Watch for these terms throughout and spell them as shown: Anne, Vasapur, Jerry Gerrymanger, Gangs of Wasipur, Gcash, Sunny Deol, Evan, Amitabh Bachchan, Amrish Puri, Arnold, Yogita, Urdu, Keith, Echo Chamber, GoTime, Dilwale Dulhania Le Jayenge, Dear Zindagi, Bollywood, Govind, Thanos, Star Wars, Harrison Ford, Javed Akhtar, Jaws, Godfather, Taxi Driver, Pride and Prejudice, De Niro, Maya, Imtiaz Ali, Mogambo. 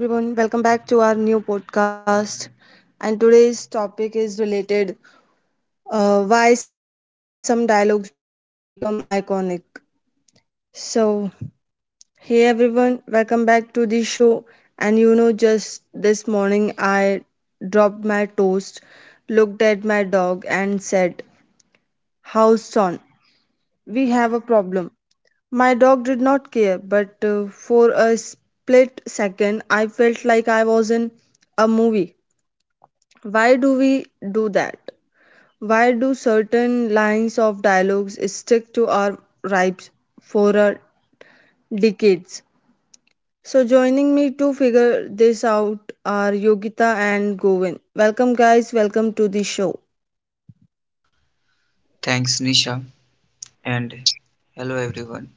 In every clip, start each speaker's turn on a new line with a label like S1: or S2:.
S1: Hello, everyone. Welcome back to our new podcast. And today's topic is related why some dialogues become iconic. So, hey, everyone. Welcome back to the show. And you know, just this morning, I dropped my toast, looked at my dog, and said, "House on. We have a problem." My dog did not care, but for a split second, I felt like I was in a movie. Why do we do that? Why do certain lines of dialogues stick to our ribs for decades? So, joining me to figure this out are Yogita and Govin. Welcome, guys. Welcome to the show.
S2: Thanks, Nisha, and hello everyone.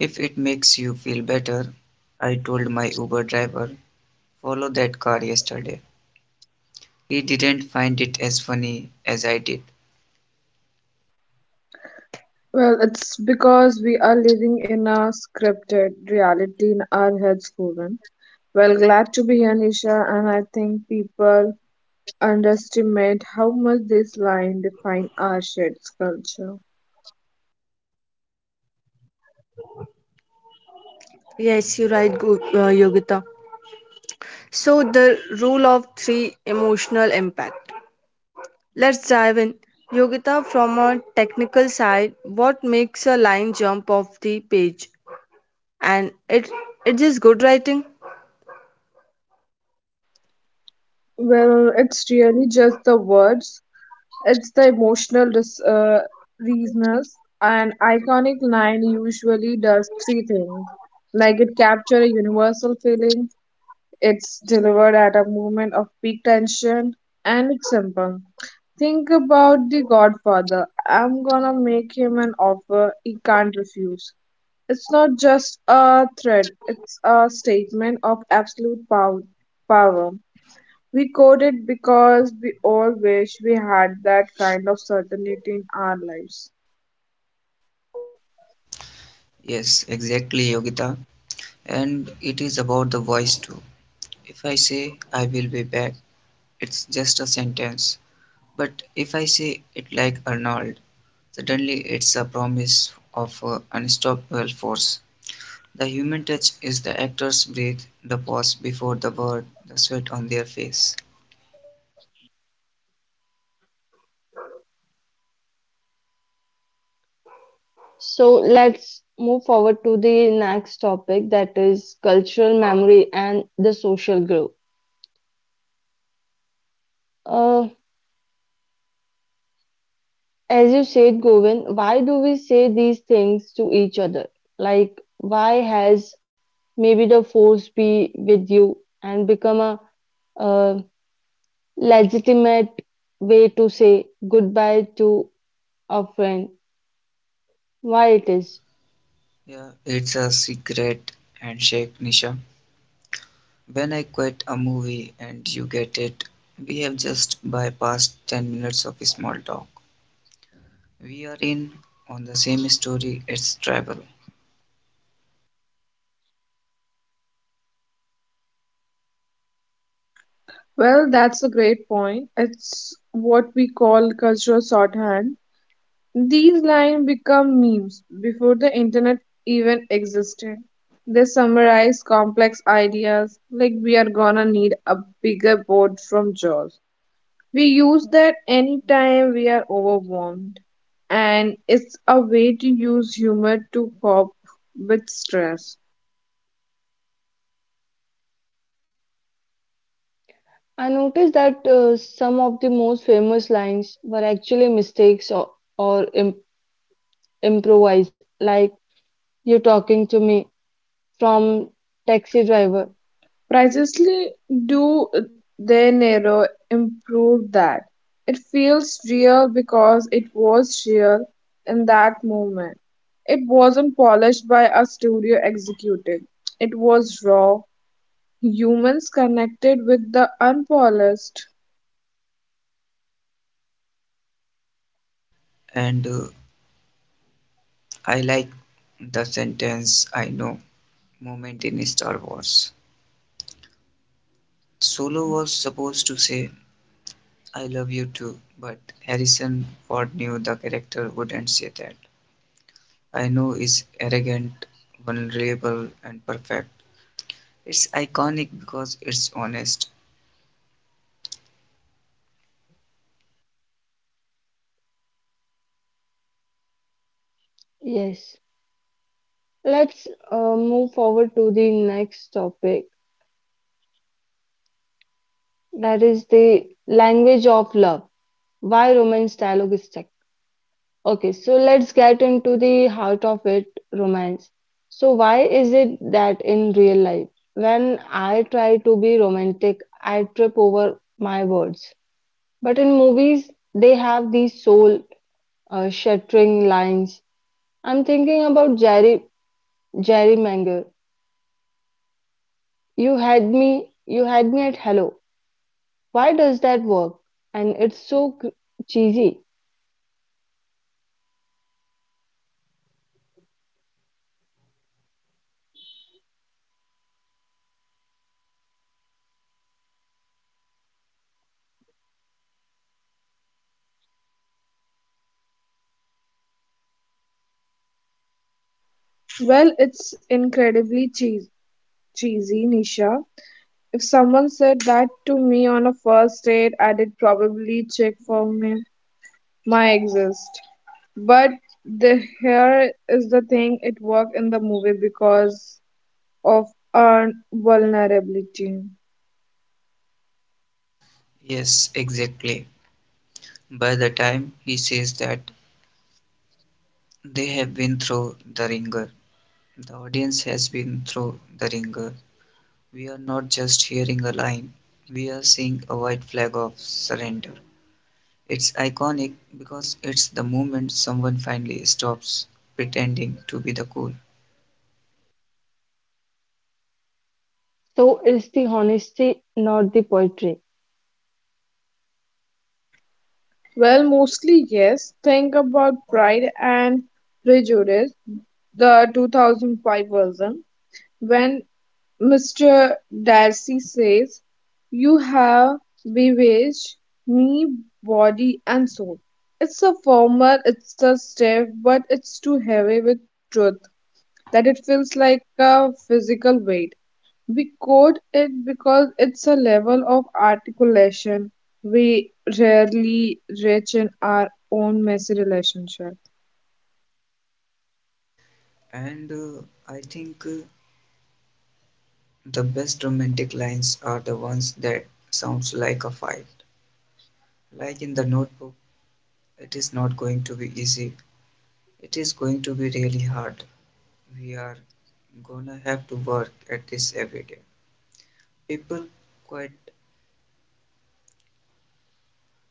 S2: If it makes you feel better, I told my Uber driver, follow that car yesterday. He didn't find it as funny as I did.
S3: Well, it's because we are living in a scripted reality in our heads, Govind. Well, glad to be here, Nisha, and I think people underestimate how much this line defines our shared culture.
S1: Yes, you're right, Yogita. So, the rule of three emotional impact. Let's dive in. Yogita, from a technical side, what makes a line jump off the page? And it's just good writing.
S3: Well, it's really just the words, it's the reasons. An iconic line usually does three things like it captures a universal feeling, it's delivered at a moment of peak tension and example. Think about the Godfather. I'm gonna make him an offer he can't refuse. It's not just a threat, it's a statement of power. We code it because we all wish we had that kind of certainty in our lives.
S2: Yes, exactly, Yogita. And it is about the voice too. If I say I will be back, it's just a sentence. But if I say it like Arnold, suddenly it's a promise of unstoppable force. The human touch is the actor's breath, the pause before the word, the sweat on their face.
S1: So let's move forward to the next topic, that is cultural memory and the social group. Uh, as you said, Govind, why do we say these things to each other? Like, why has maybe the force be with you and become a, uh legitimate way to say goodbye to a friend? Why it is?
S2: Yeah, it's a secret handshake, Nisha. When I quit a movie and you get it, we have just bypassed 10 minutes of small talk. We are in on the same story, it's travel.
S3: Well, that's a great point. It's what we call cultural shorthand. These lines become memes before the internet even existed. They summarize complex ideas like we are gonna need a bigger board from Jaws. We use that anytime we are overwhelmed, and it's a way to use humor to cope with stress.
S1: I noticed that some of the most famous lines were actually mistakes or im improvised, like you're talking to me from Taxi Driver.
S3: Precisely do De Niro improve that. It feels real because it was real in that moment. It wasn't polished by a studio executive. It was raw. Humans connected with the unpolished.
S2: And I like the sentence I know moment in Star Wars. Solo was supposed to say, I love you too, but Harrison Ford knew the character wouldn't say that. I know is arrogant, vulnerable, and perfect. It's iconic because it's honest.
S1: Yes. Let's move forward to the next topic, that is the language of love, why romance dialogue is. Okay, so let's get into the heart of it, romance. So why is it that in real life, when I try to be romantic, I trip over my words. But in movies, they have these soul shattering lines. I'm thinking about Jerry Gerrymanger. You had me at hello. Why does that work? And it's so cheesy.
S3: Well, it's cheesy, Nisha. If someone said that to me on a first date, I'd probably check for me, my exist. But the here is the thing, it worked in the movie because of our vulnerability.
S2: Yes, exactly. By the time he says that, they have been through the ringer. The audience has been through the ringer. We are not just hearing a line, we are seeing a white flag of surrender. It's iconic because it's the moment someone finally stops pretending to be the cool.
S1: So it's the honesty, not the poetry.
S3: Well, mostly yes. Think about Pride and Prejudice, the 2005 version, when Mr. Darcy says, "You have bewitched me, body and soul." It's a formal, it's a step, but it's too heavy with truth that it feels like a physical weight. We quote it because it's a level of articulation we rarely reach in our own messy relationship.
S2: And I think the best romantic lines are the ones that sounds like a fight. Like in the notebook, it is not going to be easy. It is going to be really hard. We are gonna have to work at this every day. People quote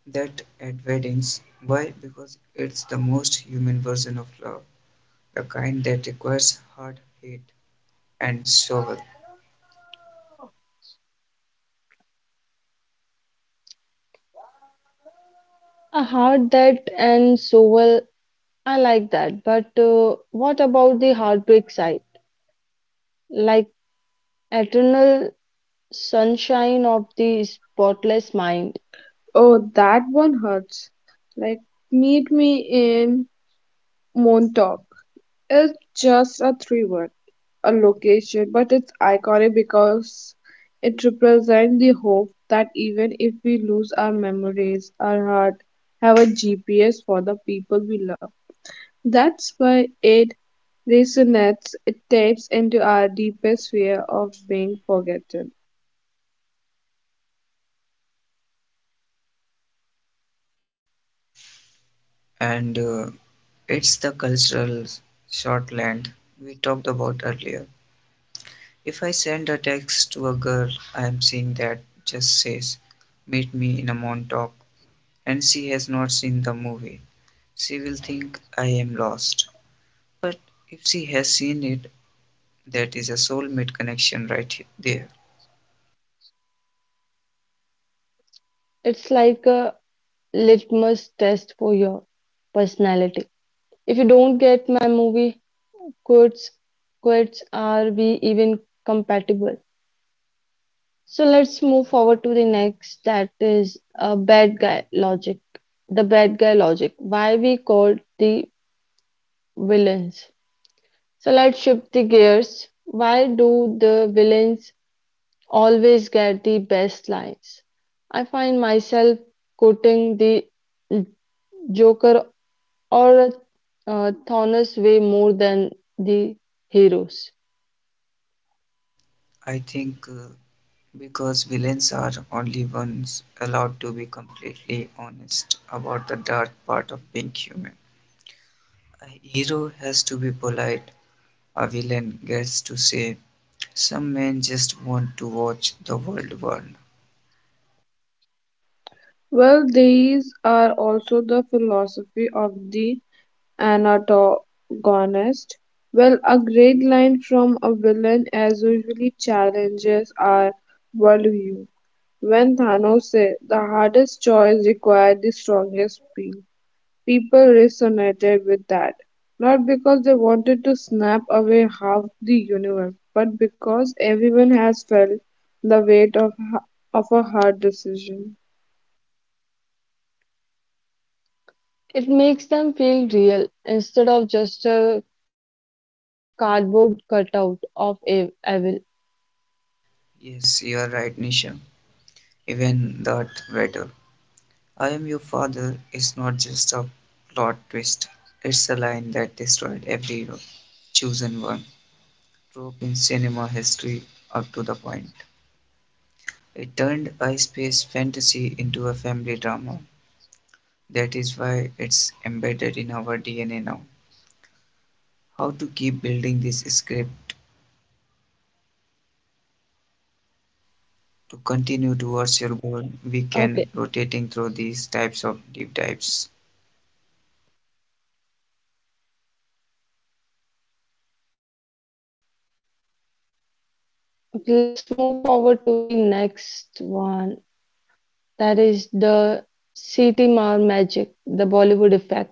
S2: that at weddings. Why? Because it's the most human version of love, the kind that requires hard hit And so,
S1: A heart that and so well, I like that. But what about the heartbreak side? Like eternal sunshine of the spotless mind.
S3: Oh, that one hurts. Like, meet me in Montauk. It's just a three word, a location, but it's iconic because it represents the hope that even if we lose our memories, our heart have a GPS for the people we love. That's why it resonates, it taps into our deepest fear of being forgotten.
S2: and it's the cultural shorthand we talked about earlier. If I send a text to a girl I'm seeing that just says, Meet me in a Montauk, and she has not seen the movie, she will think I am lost. But if she has seen it, that is a soulmate connection there.
S1: It's like a litmus test for your personality. If you don't get my quotes, quotes, are we even compatible? So let's move forward to the next that is a bad guy logic. The bad guy logic. Why we called the villains. So let's shift the gears. Why do the villains always get the best lines? I find myself quoting the Joker or Thanos way more than the heroes.
S2: I think because villains are only ones allowed to be completely honest about the dark part of being human. A hero has to be polite, a villain gets to say, Some men just want to watch the world burn.
S3: Well, these are also the philosophy of the antagonist. Well, a great line from a villain as usually challenges our worldview. When Thanos said, the hardest choice required the strongest will. People resonated with that, not because they wanted to snap away half the universe, but because everyone has felt the weight of, of a hard decision.
S1: It makes them feel real instead of just a cardboard cutout of evil.
S2: Yes, you're right, Nisha. Even that better. I am your father is not just a plot twist, it's a line that destroyed every hero. Chosen One trope in cinema history up to the point. It turned a space fantasy into a family drama. That is why it's embedded in our DNA now. How to keep building this script to continue towards your goal we can rotating
S1: Okay,
S2: through these types of deep dives
S1: let's move forward to the next one. That is the CTMR magic, the Bollywood effect.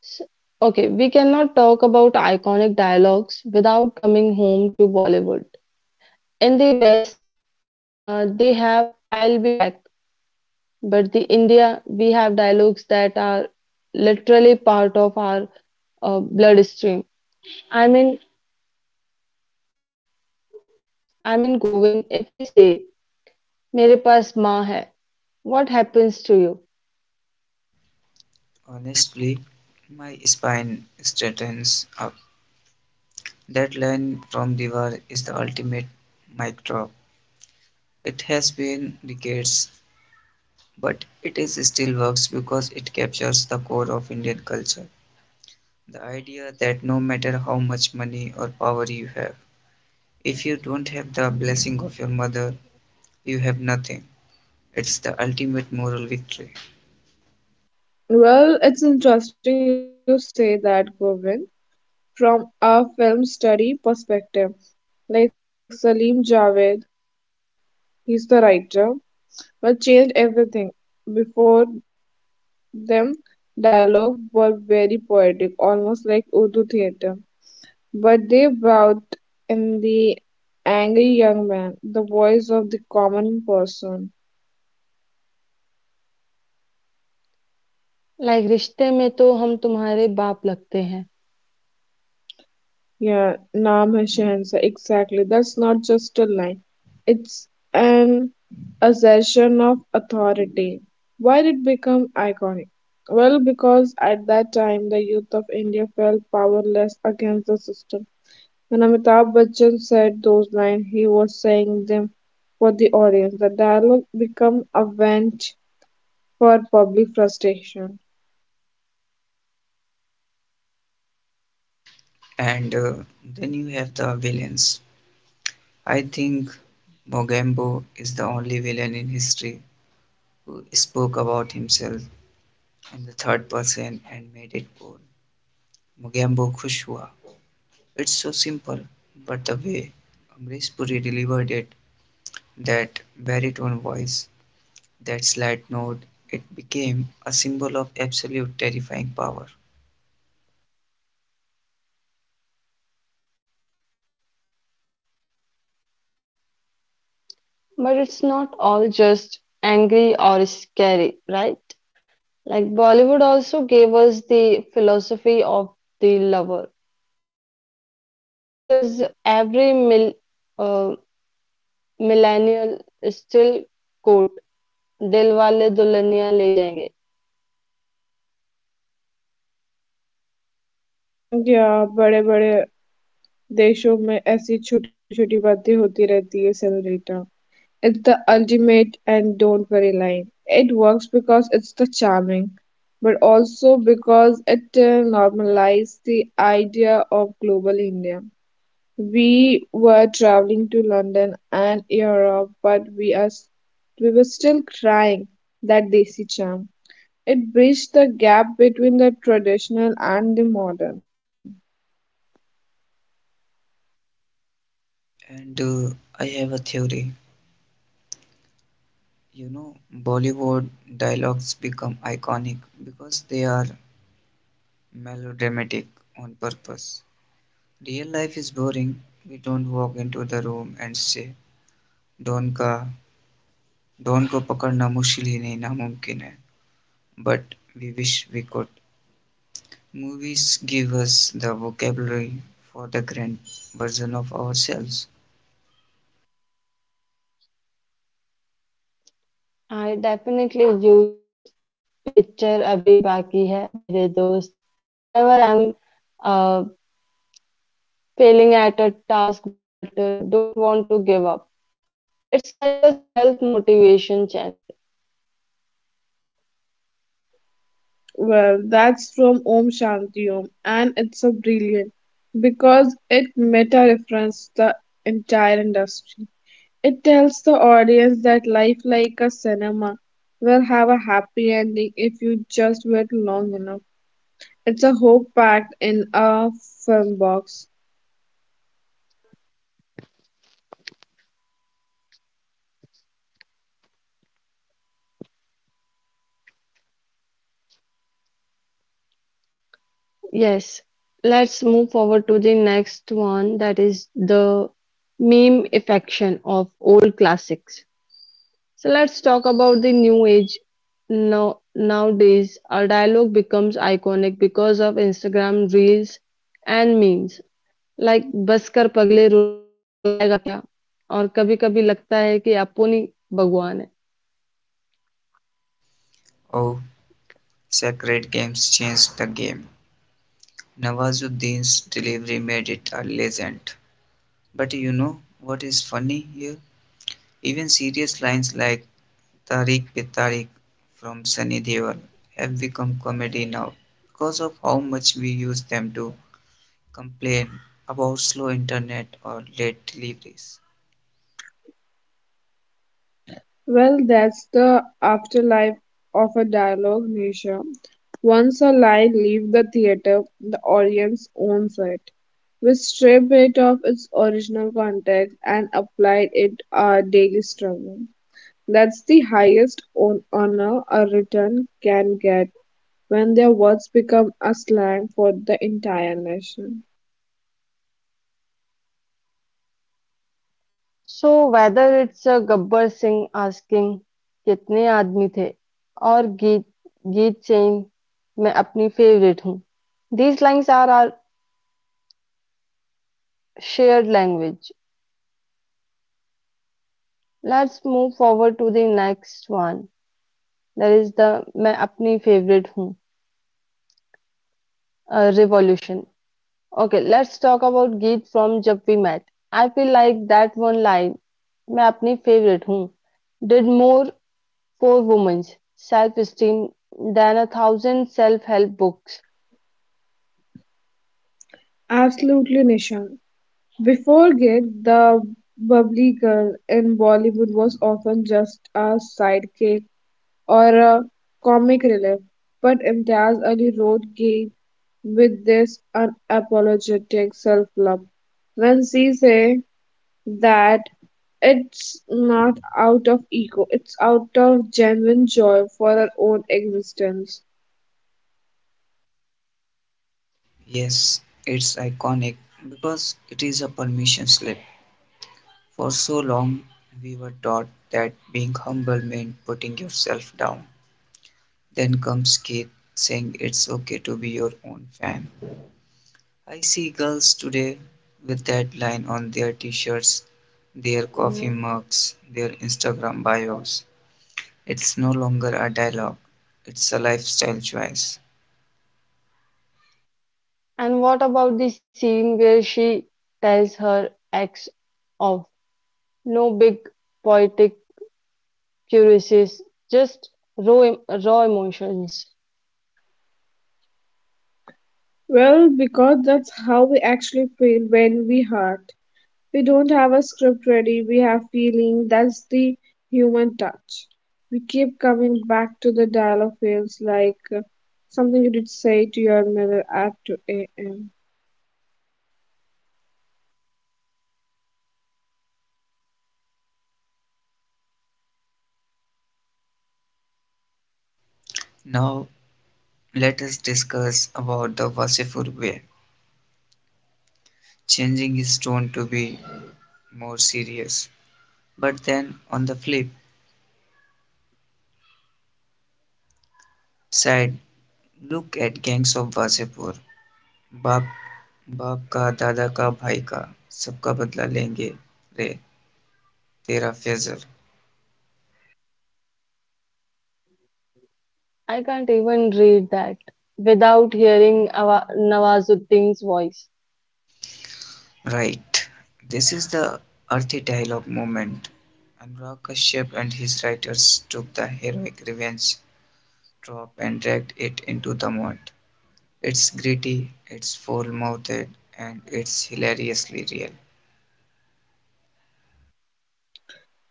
S1: S- Okay, we cannot talk about iconic dialogues without coming home to Bollywood. In the West, they have I'll be back, but the India, we have dialogues that are literally part of our bloodstream. I mean, Govind, if I say, मेरे पास माँ है, what happens to you?
S2: honestly my spine straightens up that line from the war is the ultimate mic drop. It has been decades, but it is still works because it captures the core of Indian culture, the idea that no matter how much money or power you have, if you don't have the blessing of your mother, you have nothing. It's the ultimate moral victory.
S3: Well, it's interesting you say that, Govind. From a film study perspective, like Salim Javed, he's the writer, but changed everything. Before them, dialogue were very poetic, almost like Urdu theatre. But they brought in the angry young man, the voice of the common person.
S1: Like रिश्ते में तो हम तुम्हारे बाप लगते हैं,
S3: Yeah, naam hai Shahanshah. Exactly. That's not just a line. It's an assertion of authority. Why did it become iconic? Well, because at that time the youth of India felt powerless against the system. When Amitabh Bachchan said those lines, he was saying them for the audience. The dialogue became a vent for public frustration
S2: And then you have the villains. I think Mogambo is the only villain in history who spoke about himself in the third person and made it cool. Mogambo खुश हुआ. It's so simple, but the way Amrish Puri delivered it, that baritone voice, that slight note, it became a symbol of absolute terrifying power.
S1: but it's not all just angry or scary, right? Like Bollywood also gave us the philosophy of the lover. Yogita, why does every uh, millennial still quote "Dilwale Dulhania ले जाएंगे"?
S3: या बड़े बड़े देशों में ऐसी छोटी छोटी बातें होती रहती है senorita it's the ultimate and don't worry line it works because it's the charming but also because it normalized the idea of global india we were traveling to london and europe but we were still crying that desi charm. It bridged the gap between the traditional and the modern.
S2: And I have a theory. You know, Bollywood dialogues become iconic because they are melodramatic on purpose. Real life is boring. We don't walk into the room and say, Don ka, Don ko pakadna मुश्किल ही नहीं नामुमकिन है. But we wish we could. Movies give us the vocabulary for the grand version of ourselves.
S1: I definitely use picture अभी बाकी है मेरे दोस्त. Whenever I'm uh, failing at a task but don't want to give up, it's like a self-motivation chant.
S3: Well, that's from Om Shanti Om, and it's a brilliant because it meta references the entire industry. It tells the audience that life, like a cinema, will have a happy ending if you just wait long enough. It's a hope packed in a film box.
S1: Yes, let's move forward to the next one that is the meme affection of old classics. So let's talk about the new age. Now, nowadays, our dialogue becomes iconic because of Instagram reels and memes like बस कर पगले रुलाएगा क्या और कभी कभी लगता है कि अपुनी भगवान है.
S2: Oh, Sacred Games changed the game. Nawazuddin's delivery made it a legend. But you know what is funny here? Even serious lines like Tariq pe Tariq from Sunny Deol have become comedy now because of how much we use them to complain about slow internet or late deliveries.
S3: Well, that's the afterlife of a dialogue, Nisha. Once a lie leaves the theater, the audience owns it. We strip it of its original context and applied it our daily struggle. That's the highest honor a written can get when their words become a slang for the entire nation.
S1: So whether it's a Gabbar Singh asking कितने आदमी थे और गीत चैन मैं अपनी favourite हूँ. These lines are our shared language. Let's move forward to the next one. That is the मैं अपनी favorite हूँ revolution. Okay, let's talk about गीत from जब we met. I feel like that one line, मैं अपनी favorite हूँ, did more for women's self-esteem than a thousand self-help books.
S3: Absolutely, Nisha. Before Gig, the bubbly girl in Bollywood was often just a sidekick or a comic relief, but Imtiaz Ali wrote Gig with this unapologetic self-love. When she say that it's not out of ego, it's out of genuine joy for our own existence.
S2: Yes, it's iconic because it is a permission slip. For so long, we were taught that being humble meant putting yourself down. Then comes Keith saying it's okay to be your own fan. I see girls today with that line on their t shirts, their coffee mugs, their Instagram bios. It's no longer a dialogue, it's a lifestyle choice.
S1: And what about the scene where she tells her ex of no big poetic curiosities, just raw, raw emotions?
S3: Well, because that's how we actually feel when we hurt. We don't have a script ready, we have feeling. That's the human touch. We keep coming back to the dialogue feels like something you did say to your mirror at 2 a.m.
S2: Now, let us discuss about the Wasifur way, changing his tone to be more serious. But then, on the flip side, look at gangs of Wasipur. Bap बाप का दादा का भाई का सबका बदला लेंगे रे तेरा Faizal.
S1: I can't even read that without hearing Nawazuddin's voice.
S2: Right. This is the earthy dialogue moment, and Ra Kashyap and his writers took the heroic revenge trope and dragged it into the mud. It's gritty, it's full-mouthed, and it's hilariously real.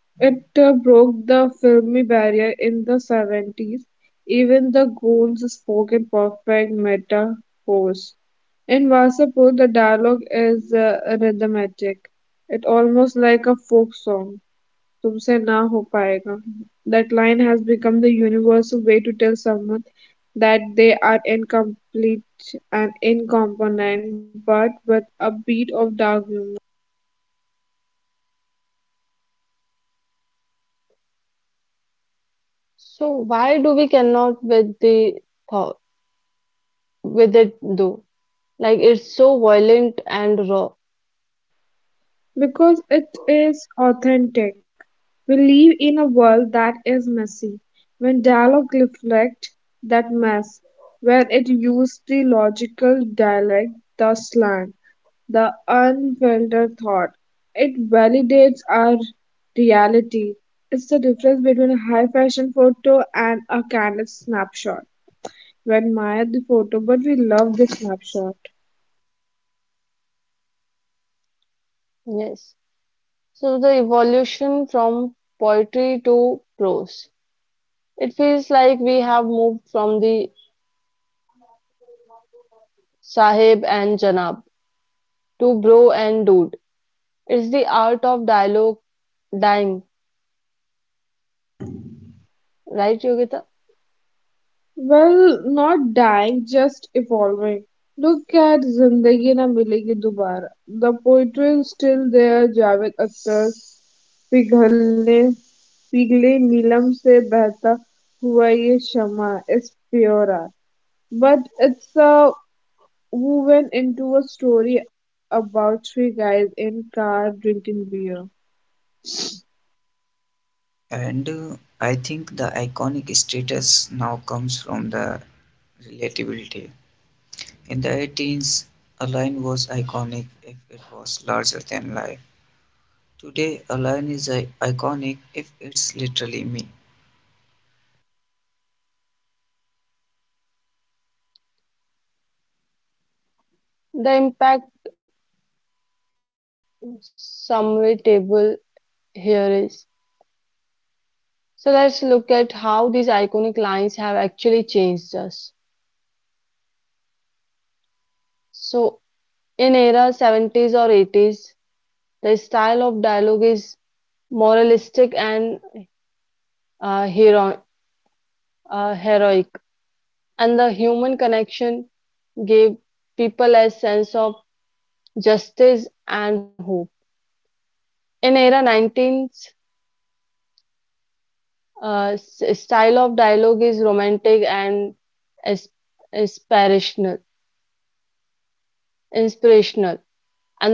S3: It broke the filmy barrier in the 70s. Even the goons spoke in perfect metaphors. In Vasapur, the dialogue is rhythmatic. It's almost like a folk song. तुमसे ना हो पाएगा. That line has become the universal way to tell someone that they are incomplete and incompetent, but with a bit of dark humor.
S1: So why do we cannot with the thought, with it though? Like it's so violent and raw.
S3: Because it is authentic. We live in a world that is messy. When dialogue reflects that mess, where it uses the logical dialect, the slang, the unfiltered thought, it validates our reality. It's the difference between a high fashion photo and a candid snapshot. We admire the photo, but we love the snapshot.
S1: Yes. So the evolution from poetry to prose. It feels like we have moved from the sahib and janab to bro and dude. It's the art of dialogue dying, right, Yogita?
S3: Well, not dying, just evolving. Look at Zindagi Na Milegi Dobara. The poetry is still there. Javed Akhtar, पिघलने पिघले नीलम से बहता हुआ ये शमा is pure but it's a woven into a story about three guys in car drinking beer
S2: And I think the iconic status now comes from the relatability. In the 18s, a line was iconic if it was larger than life. Today, a line is iconic if it's literally me.
S1: The impact summary table here is. So let's look at how these iconic lines have actually changed us. So in era 70s or 80s, the style of dialogue is moralistic and uh, hero heroic, and the human connection gave people a sense of justice and hope. In era 19th, style of dialogue is romantic is- inspirational, inspirational,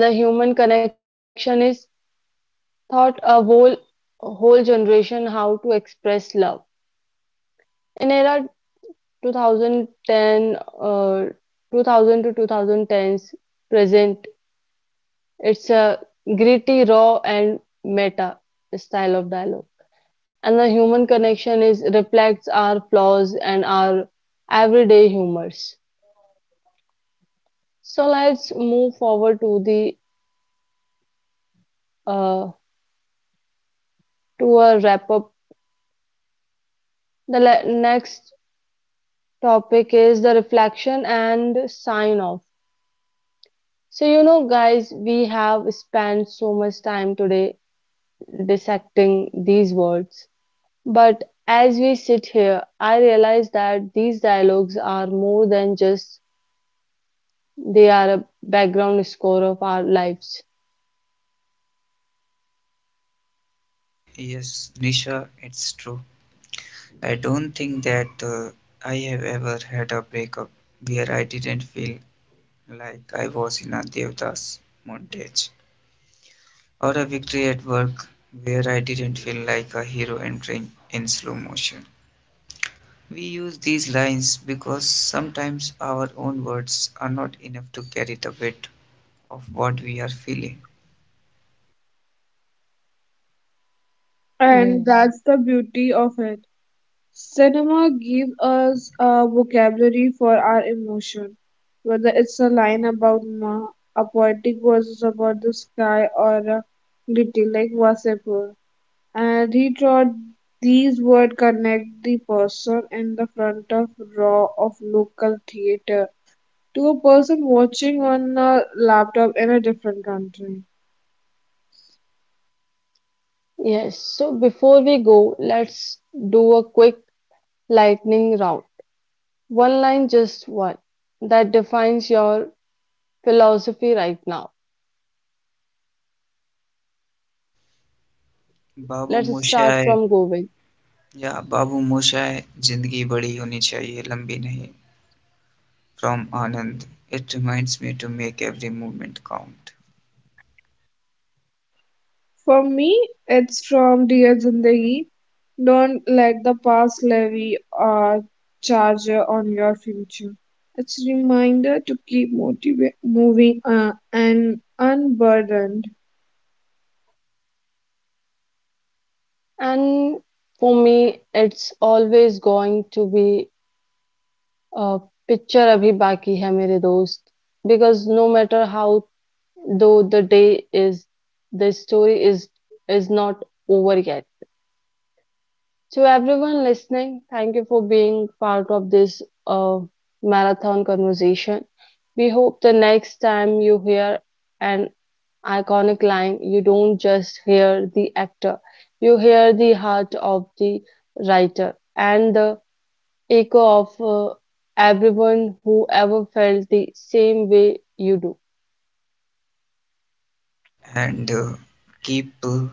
S1: and the human connection is taught a whole generation how to express love. In era 2010, 2000 to 2010s present. It's a gritty, raw, and meta style of dialogue. And the human connection is reflects our flaws and our everyday humors. So let's move forward to the uh, to a wrap up. The next topic is the reflection and sign off. So you know, guys, we have spent so much time today dissecting these words. But as we sit here, I realize that these dialogues are more than just they are a background score of our lives.
S2: Yes, Nisha, it's true. I don't think that I have ever had a breakup where I didn't feel like I was in a Devdas montage, or a victory at work where I didn't feel like a hero entering in slow motion. We use these lines because sometimes our own words are not enough to carry the weight of what we are feeling.
S3: and
S1: Yes.
S3: that's the beauty of it. Cinema gives us a vocabulary for our emotion, whether it's a line about ma, a poetic verse about the sky, or a ditty like Vasepur. And he thought these words connect the person in the front of raw of local theatre to a person watching on a laptop in a different country.
S1: Yes, so before we go, let's do a quick lightning round. One line, just one, that defines your philosophy right now.
S2: Babu
S1: Let's start
S2: मोशाय
S1: from Govind.
S2: या बाबू मोशाय जिंदगी बड़ी होनी चाहिए लंबी नहीं from Anand. It reminds me to make every movement count
S3: For me, it's from Dear Zindagi. Don't let the past levy a charge on your future. It's a reminder to keep moving and unburdened.
S1: And for me, it's always going to be a picture abhi baki hai mere dost because no matter how though the day is, the story is not over yet. To everyone listening, thank you for being part of this uh, marathon conversation. We hope the next time you hear an iconic line you don't just hear the actor, you hear the heart of the writer and the echo of everyone who ever felt the same way you do.
S2: and keep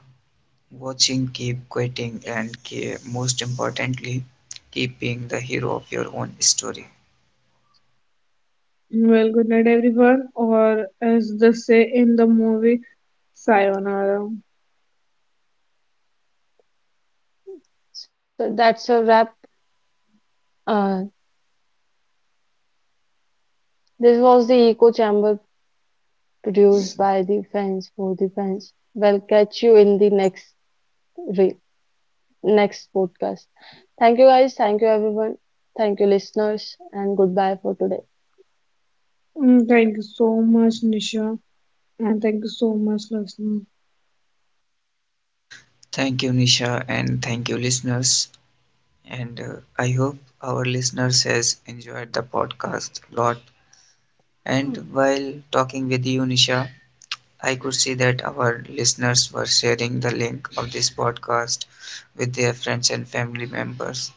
S2: watching, keep quitting, and keep most importantly, keep being the hero of your own story.
S3: Well, good night, everyone. Or as they say in the movie, sayonara.
S1: So that's a wrap. uh, This was the echo chamber, produced by the fans for the fans. We'll catch you in the re- next podcast. Thank you, guys. Thank you, everyone. Thank you, listeners. And goodbye for today.
S3: Mm, thank you so much, Nisha, and thank you so much, listener.
S2: Thank you, Nisha, and thank you, listeners. And I hope our listeners has enjoyed the podcast a lot. And while talking with you, Nisha, I could see that our listeners were sharing the link of this podcast with their friends and family members.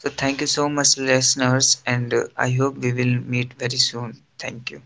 S2: So, thank you so much, listeners, and I hope we will meet very soon. Thank you.